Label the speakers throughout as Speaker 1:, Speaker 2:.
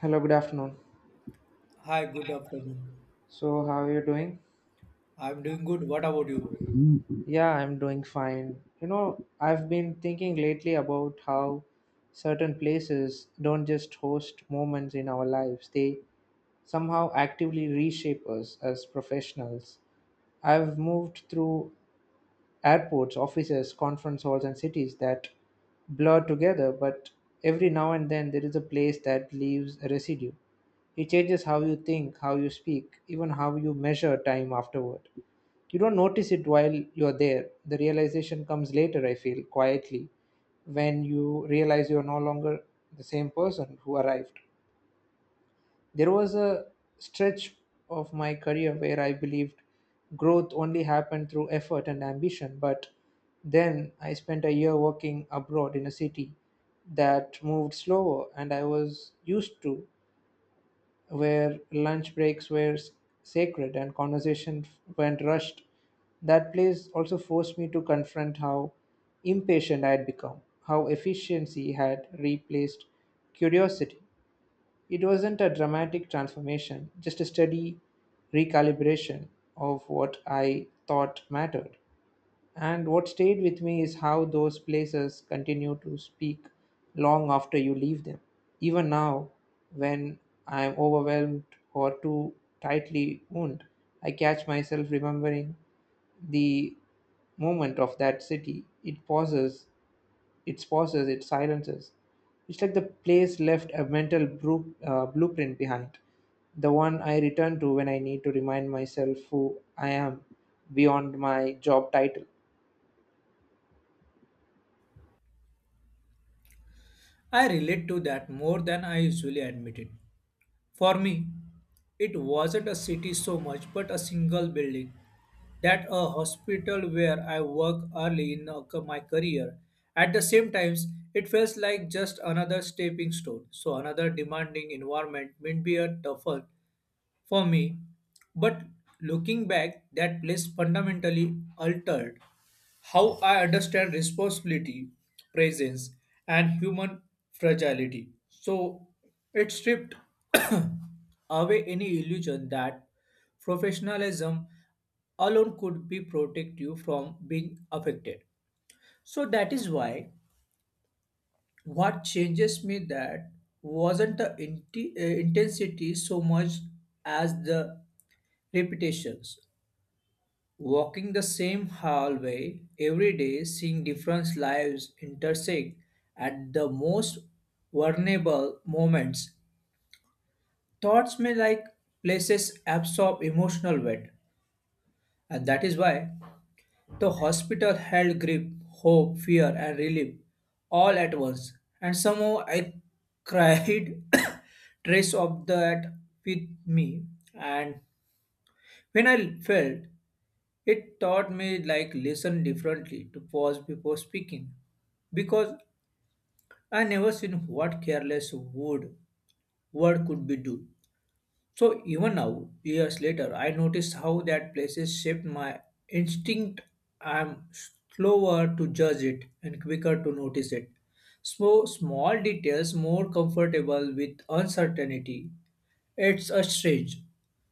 Speaker 1: Hello, good afternoon.
Speaker 2: Hi, good afternoon.
Speaker 1: So, how are you doing?
Speaker 2: I'm doing good. What about you?
Speaker 1: Yeah, I'm doing fine. You know, I've been thinking lately about how certain places don't just host moments in our lives, they somehow actively reshape us as professionals. I've moved through airports, offices, conference halls, and cities that blur together, but every now and then there is a place that leaves a residue. It changes how you think, how you speak, even how you measure time afterward. You don't notice it while you're there. The realization comes later, I feel, quietly, when you realize you're no longer the same person who arrived. There was a stretch of my career where I believed growth only happened through effort and ambition, but then I spent a year working abroad in a city that moved slower and I was used to, where lunch breaks were sacred and conversation went rushed. That place also forced me to confront how impatient I had become, how efficiency had replaced curiosity. It wasn't a dramatic transformation, just a steady recalibration of what I thought mattered. And what stayed with me is how those places continue to speak long after you leave them. Even now, when I am overwhelmed or too tightly wound, I catch myself remembering the moment of that city. It pauses, it silences. It's like the place left a mental blueprint behind, the one I return to when I need to remind myself who I am beyond my job title.
Speaker 2: I relate to that more than I usually admit it. For me, it wasn't a city so much, but a single building. That a hospital where I work early in my career. At the same times, it feels like just another stepping stone. So another demanding environment may be a tougher for me. But looking back, that place fundamentally altered how I understand responsibility, presence, and human fragility. So it stripped away any illusion that professionalism alone could be protect you from being affected. So that is why what changes me that wasn't the intensity so much as the repetitions. Walking the same hallway every day, seeing different lives intersect at the most vulnerable moments. Thoughts may like places absorb emotional weight, and that is why the hospital held grip, hope, fear, and relief all at once. And somehow I cried trace of that with me. And when I felt it taught me like listen differently to pause before speaking because I never seen what careless word could be do. So even now, years later, I notice how that places shaped my instinct. I'm slower to judge it and quicker to notice it. So small details more comfortable with uncertainty it's a strange.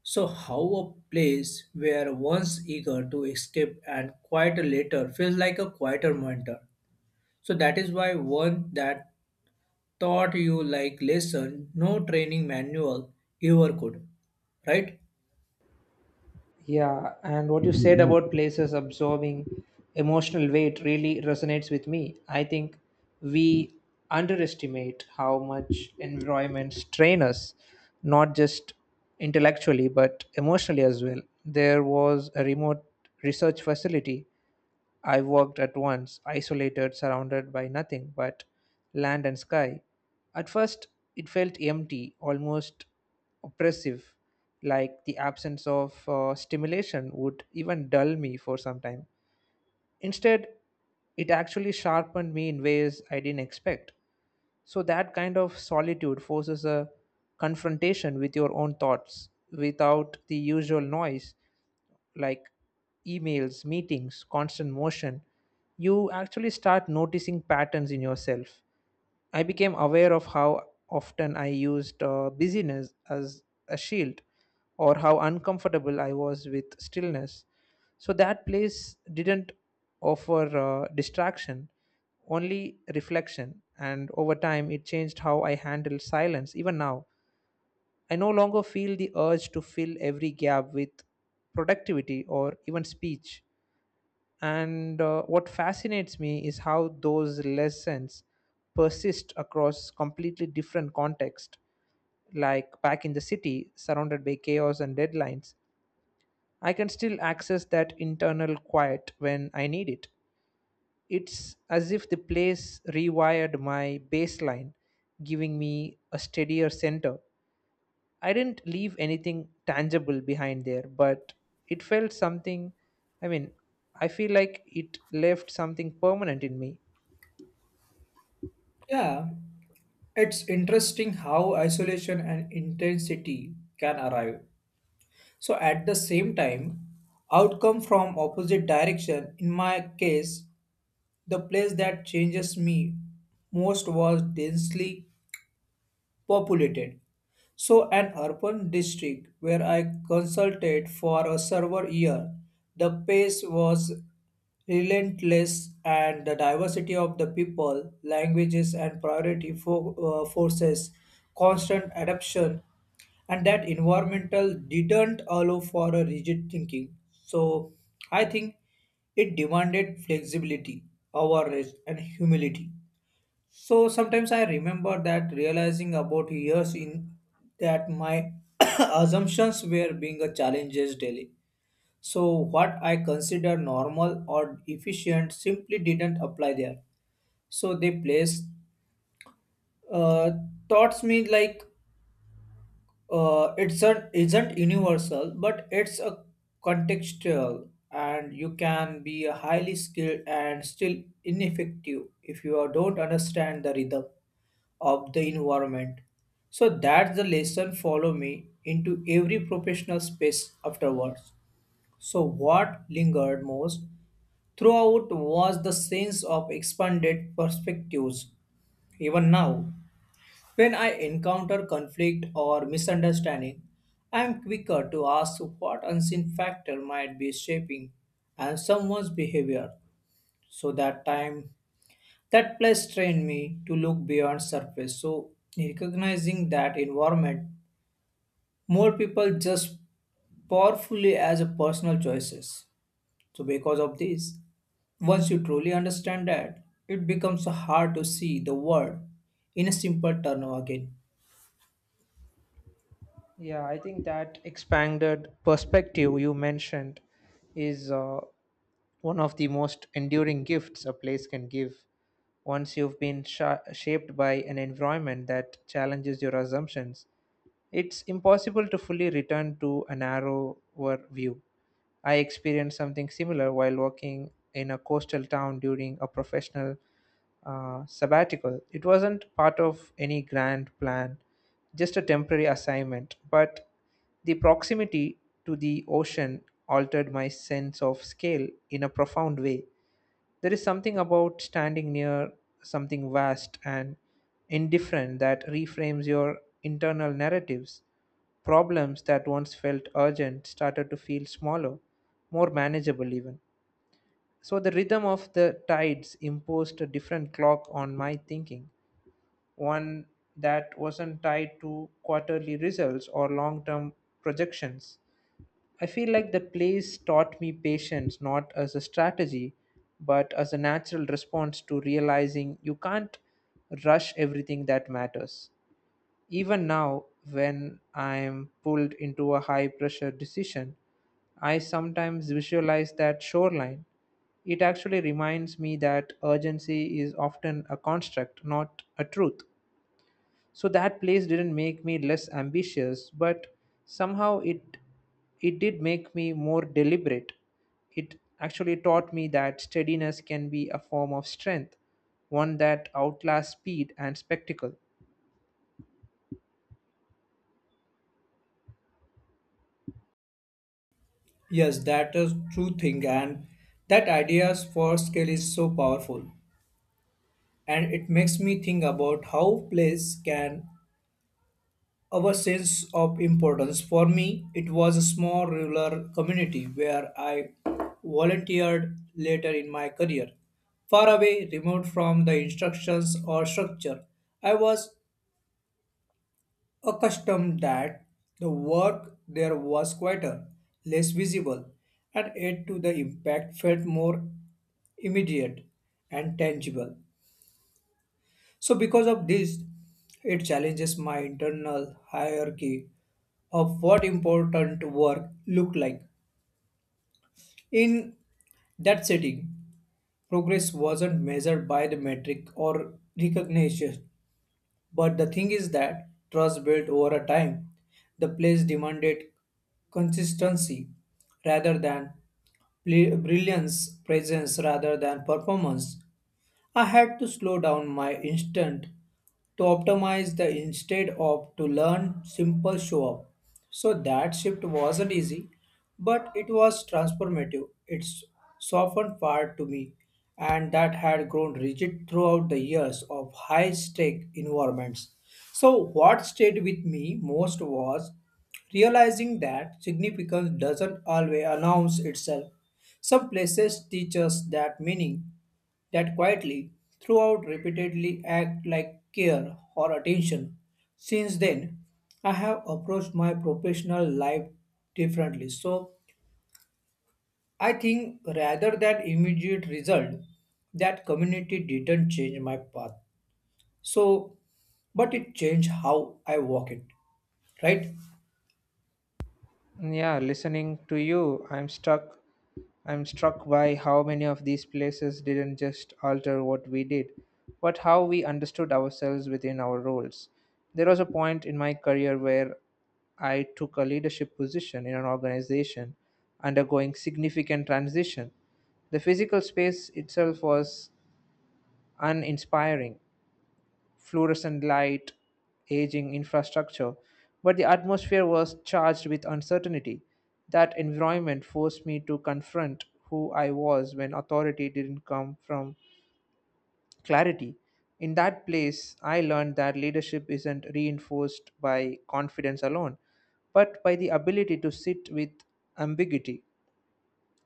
Speaker 2: So, how a place where one's eager to escape and quieter later feels like a quieter mentor. So, that is why one that taught you like lesson, no training manual ever could, right?
Speaker 1: Yeah, and what you said about places absorbing emotional weight really resonates with me. I think we underestimate how much environments strain us, not just intellectually, but emotionally as well. There was a remote research facility I walked at once, isolated, surrounded by nothing but land and sky. At first, it felt empty, almost oppressive, like the absence of stimulation would even dull me for some time. Instead, it actually sharpened me in ways I didn't expect. So, that kind of solitude forces a confrontation with your own thoughts without the usual noise, like emails, meetings, constant motion. You actually start noticing patterns in yourself. I became aware of how often I used busyness as a shield, or how uncomfortable I was with stillness. So that place didn't offer distraction, only reflection. And over time, it changed how I handle silence, even now. I no longer feel the urge to fill every gap with productivity or even speech. And what fascinates me is how those lessons persist across completely different contexts. Like back in the city, surrounded by chaos and deadlines, I can still access that internal quiet when I need it. It's as if the place rewired my baseline, giving me a steadier center. I didn't leave anything tangible behind there, but it felt something. I mean, I feel like it left something permanent in me.
Speaker 2: Yeah. It's interesting how isolation and intensity can arrive. So, at the same time, outcome from opposite direction in my case, the place that changes me most was densely populated. So an urban district where I consulted for a server year, the pace was relentless and the diversity of the people, languages and forces constant adaptation and that environmental didn't allow for a rigid thinking. So I think it demanded flexibility, awareness and humility. So sometimes I remember that realizing about years in that my assumptions were being a challenges daily. So what I consider normal or efficient simply didn't apply there. So they place uh, thoughts me like it's an isn't universal but it's a contextual, and you can be a highly skilled and still ineffective if don't understand the rhythm of the environment. So that's the lesson follow me into every professional space afterwards. So what lingered most throughout was the sense of expanded perspectives. Even now, when I encounter conflict or misunderstanding, I am quicker to ask what unseen factor might be shaping and someone's behavior. So that time, that place trained me to look beyond surface. So recognizing that environment, more people just powerfully as a personal choices. So because of this, once you truly understand that, it becomes hard to see the world in a simple turn again.
Speaker 1: Yeah, I think that expanded perspective you mentioned is one of the most enduring gifts a place can give. Once you've been shaped by an environment that challenges your assumptions, it's impossible to fully return to a narrower view. I experienced something similar while working in a coastal town during a professional sabbatical. It wasn't part of any grand plan, just a temporary assignment, but the proximity to the ocean altered my sense of scale in a profound way. There is something about standing near something vast and indifferent that reframes your internal narratives. Problems that once felt urgent started to feel smaller, more manageable, even. So, the rhythm of the tides imposed a different clock on my thinking, one that wasn't tied to quarterly results or long term projections. I feel like that place taught me patience not as a strategy, but as a natural response to realizing you can't rush everything that matters. Even now, when I'm pulled into a high pressure decision, I sometimes visualize that shoreline. It actually reminds me that urgency is often a construct, not a truth. So that place didn't make me less ambitious, but somehow it did make me more deliberate. It actually taught me that steadiness can be a form of strength, one that outlasts speed and spectacle.
Speaker 2: Yes, that is true thing, and that ideas for scale is so powerful, and it makes me think about how place can our sense of importance. For me, it was a small rural community where I volunteered later in my career, far away, remote from the instructions or structure. I was accustomed that the work there was quieter, less visible, and yet to the impact felt more immediate and tangible. So, because of this, it challenges my internal hierarchy of what important work looked like. In that setting, progress wasn't measured by the metric or recognition, but the thing is that trust built over a time. The place demanded consistency rather than brilliance, presence rather than performance. I had to slow down my instant to optimize the instead of to learn simple show up. So that shift wasn't easy, but it was transformative. It softened part to me and that had grown rigid throughout the years of high stake environments. So what stayed with me most was realizing that significance doesn't always announce itself. Some places teach us that meaning that quietly throughout repeatedly act like care or attention. Since then, I have approached my professional life differently. So I think rather than immediate result, that community didn't change my path. So, but it changed how I walk it, right?
Speaker 1: Yeah, listening to you, I'm struck by how many of these places didn't just alter what we did, but how we understood ourselves within our roles. There was a point in my career where I took a leadership position in an organization undergoing significant transition. The physical space itself was uninspiring, fluorescent light, aging infrastructure, but the atmosphere was charged with uncertainty. That environment forced me to confront who I was when authority didn't come from clarity. In that place, I learned that leadership isn't reinforced by confidence alone, but by the ability to sit with ambiguity.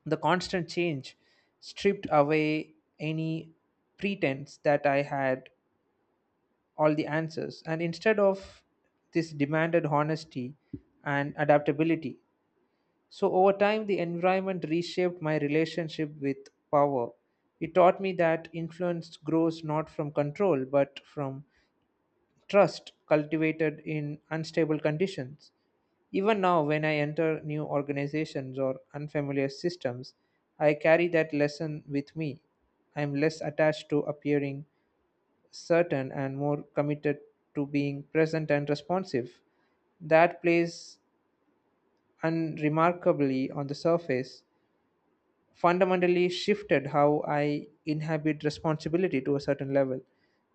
Speaker 1: The constant change stripped away any pretense that I had all the answers, and instead of this demanded honesty and adaptability. So over time the environment reshaped my relationship with power. It taught me that influence grows not from control but from trust cultivated in unstable conditions. Even now, when I enter new organizations or unfamiliar systems, I carry that lesson with me. I am less attached to appearing certain and more committed to being present and responsive. That place, unremarkably on the surface, fundamentally shifted how I inhabit responsibility to a certain level.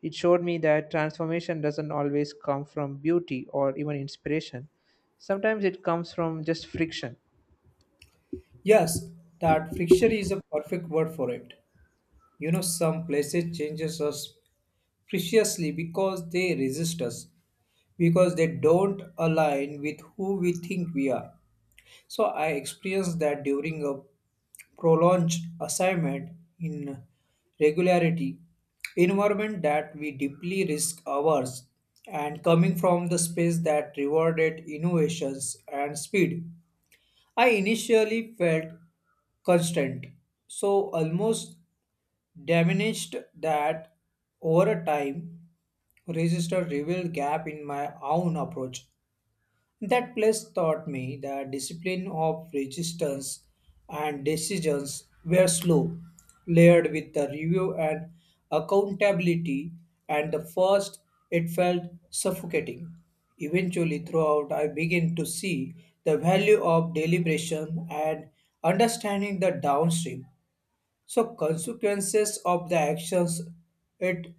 Speaker 1: It showed me that transformation doesn't always come from beauty or even inspiration. Sometimes it comes from just friction.
Speaker 2: Yes, that friction is a perfect word for it. You know, some places changes us preciously because they resist us, because they don't align with who we think we are. So I experienced that during a prolonged assignment in regularity environment that we deeply risk averse, and coming from the space that rewarded innovations and speed, I initially felt constant, so almost diminished that over a time register revealed gap in my own approach. That place taught me the discipline of resistance, and decisions were slow, layered with the review and accountability, and the first it felt suffocating. Eventually, throughout, I began to see the value of deliberation and understanding the downstream. So consequences of the actions, it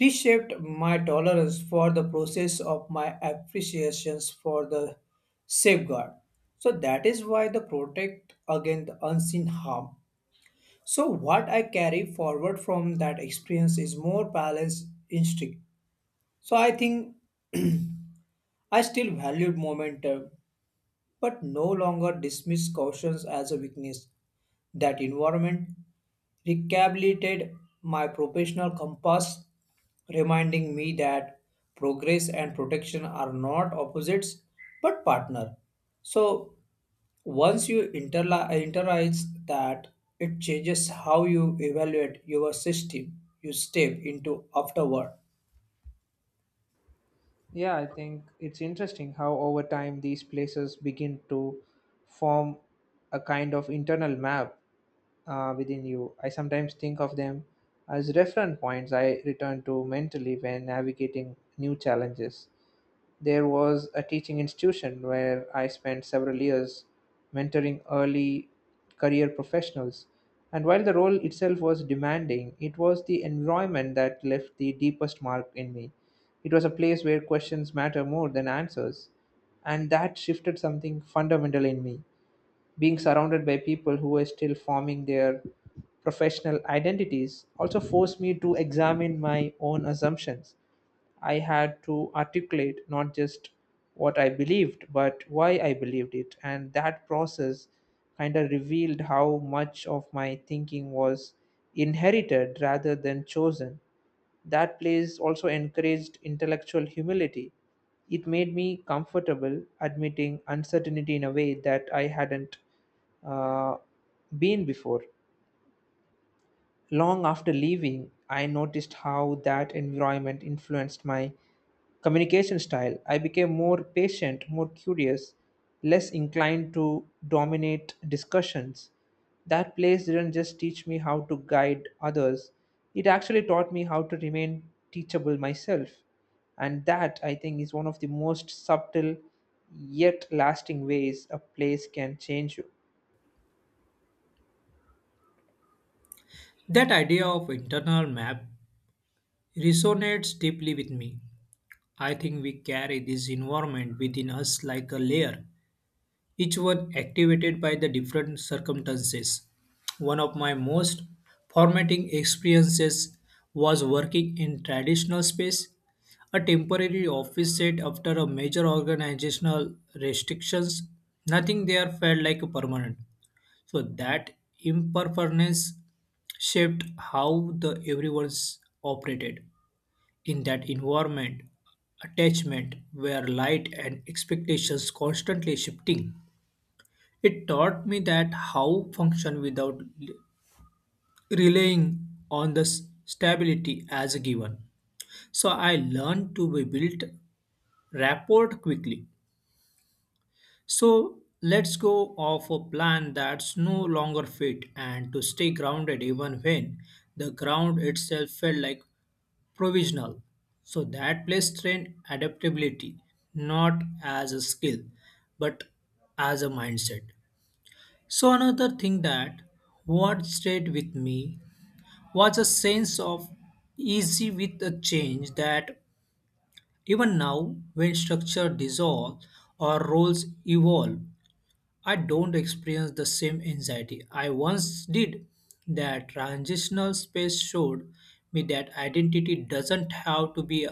Speaker 2: reshaped my tolerance for the process of my appreciations for the safeguard. So that is why the protect against the unseen harm. So what I carry forward from that experience is more balanced instinct. So I think I still valued momentum, but no longer dismiss cautions as a weakness. That environment recalibrated my professional compass, reminding me that progress and protection are not opposites but partner. So once you internalize that, it changes how you evaluate your system you step into afterward.
Speaker 1: Yeah, I think it's interesting how over time these places begin to form a kind of internal map, within you. I sometimes think of them as reference points I return to mentally when navigating new challenges. There was a teaching institution where I spent several years mentoring early career professionals. And while the role itself was demanding, it was the environment that left the deepest mark in me. It was a place where questions matter more than answers, and that shifted something fundamental in me. Being surrounded by people who were still forming their professional identities also forced me to examine my own assumptions. I had to articulate not just what I believed, but why I believed it. And that process kind of revealed how much of my thinking was inherited rather than chosen. That place also encouraged intellectual humility. It made me comfortable admitting uncertainty in a way that I hadn't uh, been before. Long after leaving, I noticed how that environment influenced my communication style. I became more patient, more curious, less inclined to dominate discussions. That place didn't just teach me how to guide others, it actually taught me how to remain teachable myself. And that, I think, is one of the most subtle yet lasting ways a place can change you.
Speaker 2: That idea of internal map resonates deeply with me. I think we carry this environment within us like a layer, each one activated by the different circumstances. One of my most formative experiences was working in traditional space, a temporary office set after a major organizational restrictions. Nothing there felt like a permanent. So that impermanence shaped how the everyone's operated. In that environment, attachment were light and expectations constantly shifting. It taught me that how function without relying on the stability as a given. So I learned to be built rapport quickly. So let's go off a plan that's no longer fit and to stay grounded even when the ground itself felt like provisional. So that place trained adaptability not as a skill but as a mindset. So another thing that what stayed with me was a sense of easy with a change that even now when structure dissolve or roles evolve, I don't experience the same anxiety I once did. That transitional space showed me that identity doesn't have to be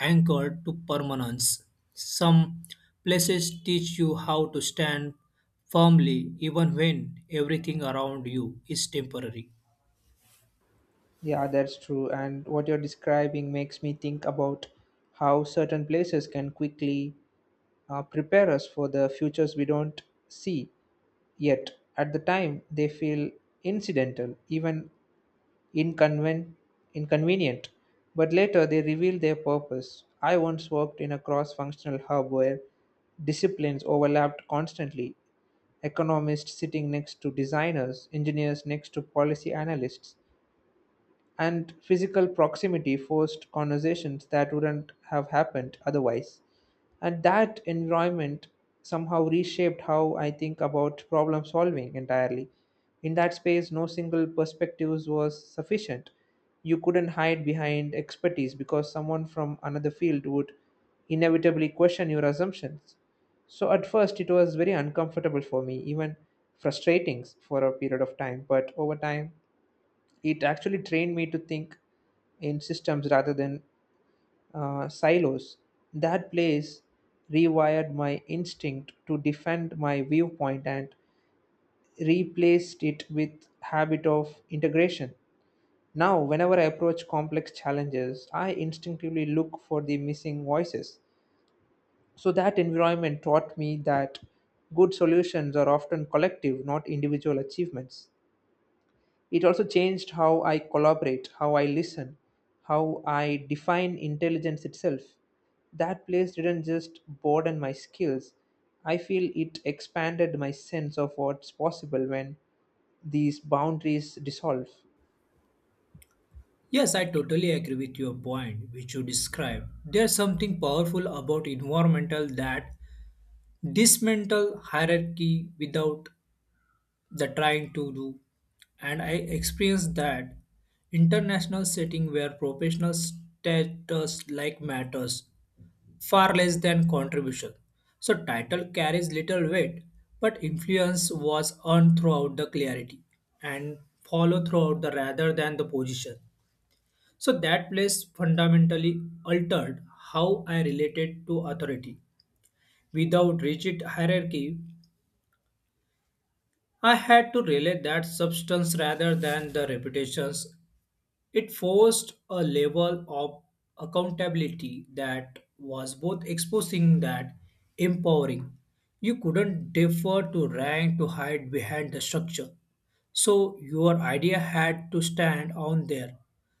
Speaker 2: anchored to permanence. Some places teach you how to stand firmly even when everything around you is temporary.
Speaker 1: Yeah, that's true. And what you're describing makes me think about how certain places can quickly prepare us for the futures we don't see yet. At the time, they feel incidental, even inconven- inconvenient, but later they reveal their purpose. I once worked in a cross functional hub where disciplines overlapped constantly, economists sitting next to designers, engineers next to policy analysts, and physical proximity forced conversations that wouldn't have happened otherwise. And that environment somehow reshaped how I think about problem solving entirely. In that space, no single perspectives was sufficient. You couldn't hide behind expertise because someone from another field would inevitably question your assumptions. So at first, it was very uncomfortable for me, even frustrating for a period of time. But over time, it actually trained me to think in systems rather than silos. That place rewired my instinct to defend my viewpoint and replaced it with habit of integration. Now, whenever I approach complex challenges, I instinctively look for the missing voices. So that environment taught me that good solutions are often collective, not individual achievements. It also changed how I collaborate, how I listen, how I define intelligence itself. That place didn't just broaden my skills, I feel it expanded my sense of what's possible when these boundaries dissolve.
Speaker 2: Yes, I totally agree with your point, which you describe. There's something powerful about environmental that dismantle hierarchy without the trying to do, and I experienced that international setting where professional status like matters far less than contribution. So title carries little weight, but influence was earned throughout the clarity and follow throughout the rather than the position. So that place fundamentally altered how I related to authority. Without rigid hierarchy, I had to relate that substance rather than the reputations. It forced a level of accountability that was both exposing that empowering. You couldn't defer to rank to hide behind the structure. So your idea had to stand on there.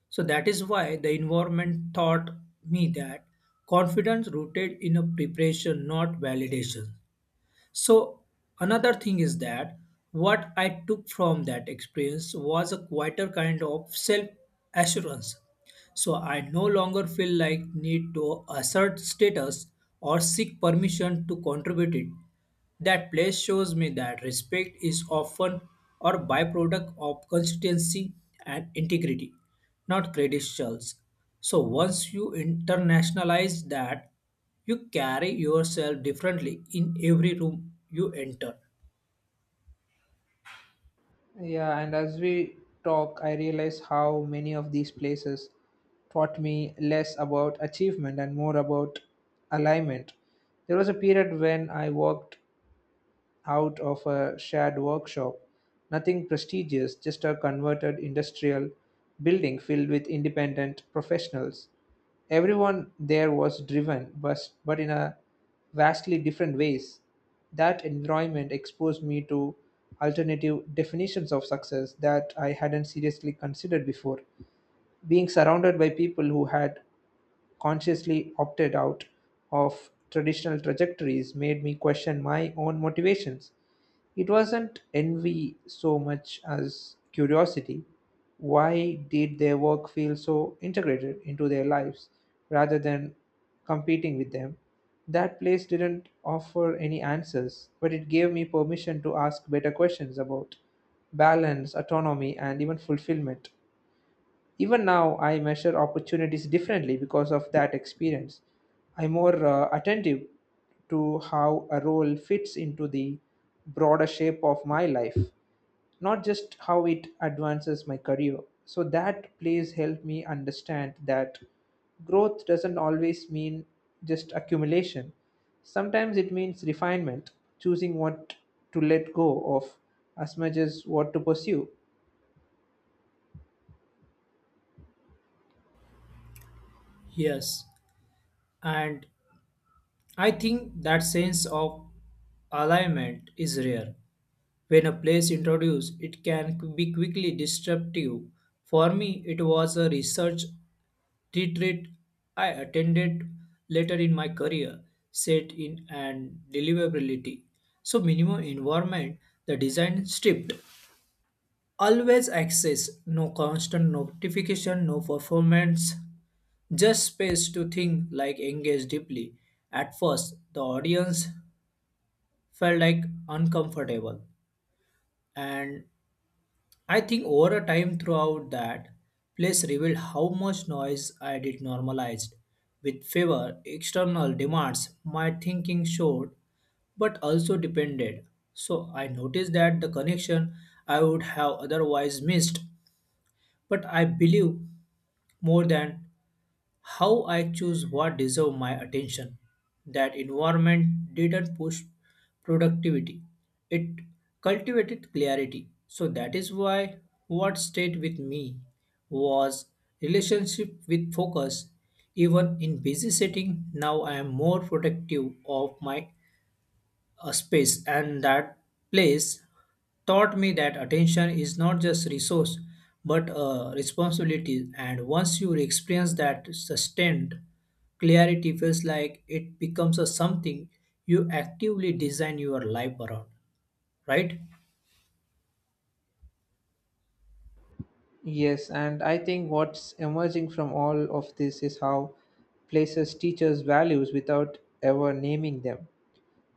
Speaker 2: So that is why the environment taught me that confidence rooted in a preparation, not validation. So, another thing is that what I took from that experience was a quieter kind of self assurance. So I no longer feel like need to assert status or seek permission to contribute it. That place shows me that respect is often a byproduct of consistency and integrity, not credentials. So once you internationalize that, you carry yourself differently in every room you enter.
Speaker 1: Yeah, and as we talk, I realize how many of these places taught me less about achievement and more about alignment. There was a period when I walked out of a shared workshop. Nothing prestigious, just a converted industrial building filled with independent professionals. Everyone there was driven, but, in a vastly different ways. That environment exposed me to alternative definitions of success that I hadn't seriously considered before. Being surrounded by people who had consciously opted out of traditional trajectories made me question my own motivations. It wasn't envy so much as curiosity. Why did their work feel so integrated into their lives rather than competing with them? That place didn't offer any answers, but it gave me permission to ask better questions about balance, autonomy, and even fulfillment. Even now, I measure opportunities differently because of that experience. I'm more attentive to how a role fits into the broader shape of my life, not just how it advances my career. So that plays help me understand that growth doesn't always mean just accumulation. Sometimes it means refinement, choosing what to let go of as much as what to pursue.
Speaker 2: Yes, and I think that sense of alignment is rare. When a place introduced, it can be quickly disruptive. For me, it was a research retreat I attended later in my career, set in and deliverability. So minimum environment, the design stripped. Always access, no constant notification, no performance, just space to think like engage deeply. At first, the audience felt like uncomfortable, and I think over a time throughout that place revealed how much noise I did normalized with favor external demands my thinking showed but also depended. So I noticed that the connection I would have otherwise missed, but I believe more than how I choose what deserve my attention. That environment didn't push productivity. It cultivated clarity. So that is why what stayed with me was relationship with focus. Even in busy setting, now I am more protective of my a space, and that place taught me that attention is not just resource but a responsibility, and once you experience that sustained clarity feels like it becomes a something you actively design your life around, right?
Speaker 1: Yes, and I think what's emerging from all of this is how places teach us values without ever naming them.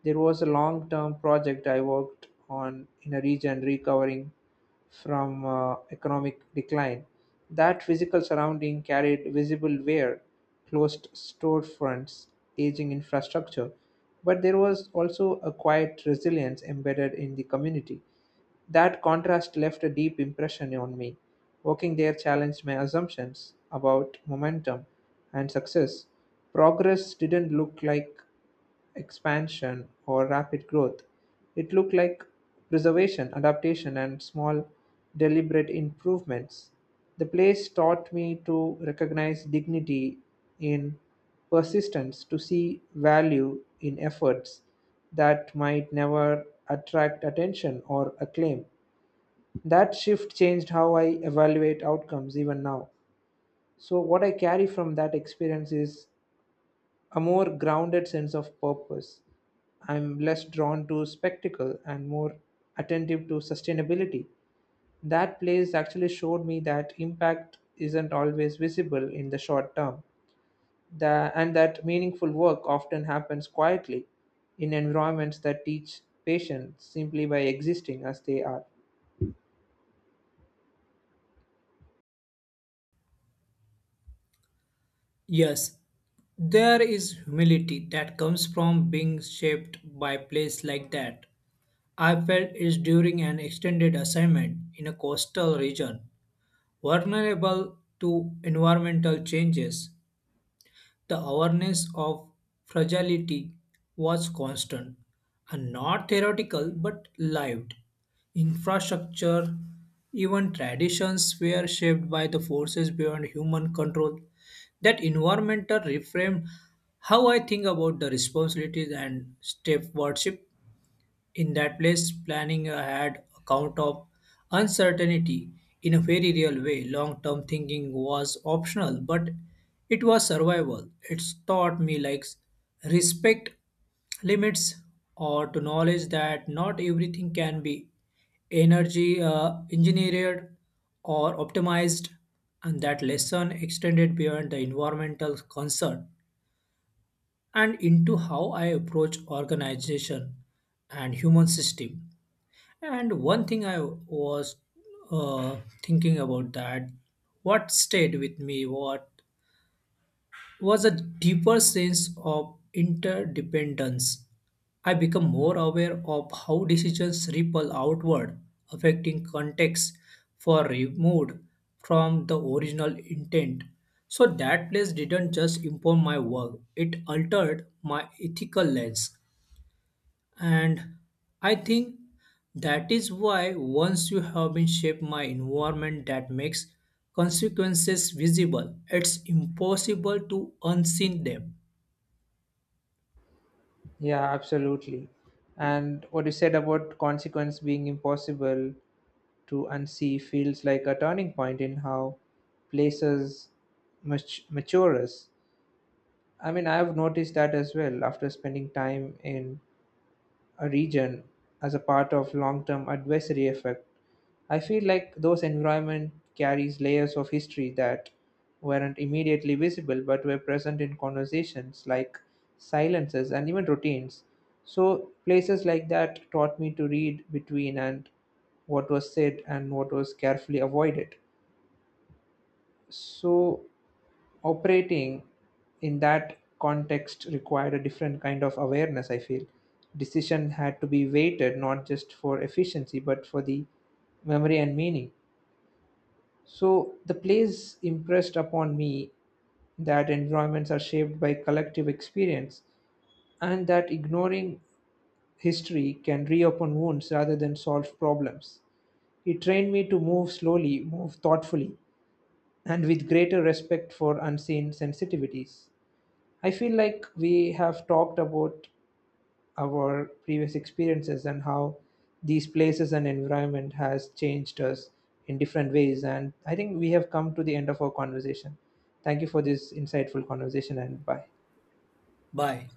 Speaker 1: There was a long-term project I worked on in a region recovering from economic decline. That physical surrounding carried visible wear, closed storefronts, aging infrastructure, but there was also a quiet resilience embedded in the community. That contrast left a deep impression on me. Working there challenged my assumptions about momentum and success. Progress didn't look like expansion or rapid growth. It looked like preservation, adaptation, and small, deliberate improvements. The place taught me to recognize dignity in persistence, to see value in efforts that might never attract attention or acclaim. That shift changed how I evaluate outcomes even now. So, what I carry from that experience is a more grounded sense of purpose. I'm less drawn to spectacle and more attentive to sustainability. That place actually showed me that impact isn't always visible in the short term, that, and that meaningful work often happens quietly in environments that teach patients simply by existing as they are.
Speaker 2: Yes, there is humility that comes from being shaped by place like that. I felt it during an extended assignment in a coastal region vulnerable to environmental changes. The awareness of fragility was constant and not theoretical but lived. Infrastructure, even traditions were shaped by the forces beyond human control. That environmental reframed how I think about the responsibilities and stewardship in that place. Planning had a count of uncertainty in a very real way. Long term thinking was optional, but it was survival. It's taught me like respect limits or to knowledge that not everything can be energy engineered or optimized, and that lesson extended beyond the environmental concern and into how I approach organization and human system. And one thing I was uh, thinking about that, what stayed with me, what was a deeper sense of interdependence. I become more aware of how decisions ripple outward, affecting contexts far removed from the original intent. So that place didn't just inform my work; it altered my ethical lens. And I think that is why once you have been shaped my environment that makes consequences visible, it's impossible to unseen them.
Speaker 1: Yeah, absolutely. And what you said about consequence being impossible to unsee feels like a turning point in how places mature us. I mean, I've noticed that as well after spending time in a region as a part of long-term advisory effect. I feel like those environment carries layers of history that weren't immediately visible but were present in conversations, like silences and even routines. So places like that taught me to read between and what was said and what was carefully avoided. So operating in that context required a different kind of awareness, I feel. Decision had to be weighted not just for efficiency but for the memory and meaning. So the plays impressed upon me that environments are shaped by collective experience, and that ignoring history can reopen wounds rather than solve problems. It trained me to move slowly, move thoughtfully, and with greater respect for unseen sensitivities. I feel like we have talked about our previous experiences and how these places and environment has changed us in different ways. And I think we have come to the end of our conversation. Thank you for this insightful conversation and bye.
Speaker 2: Bye.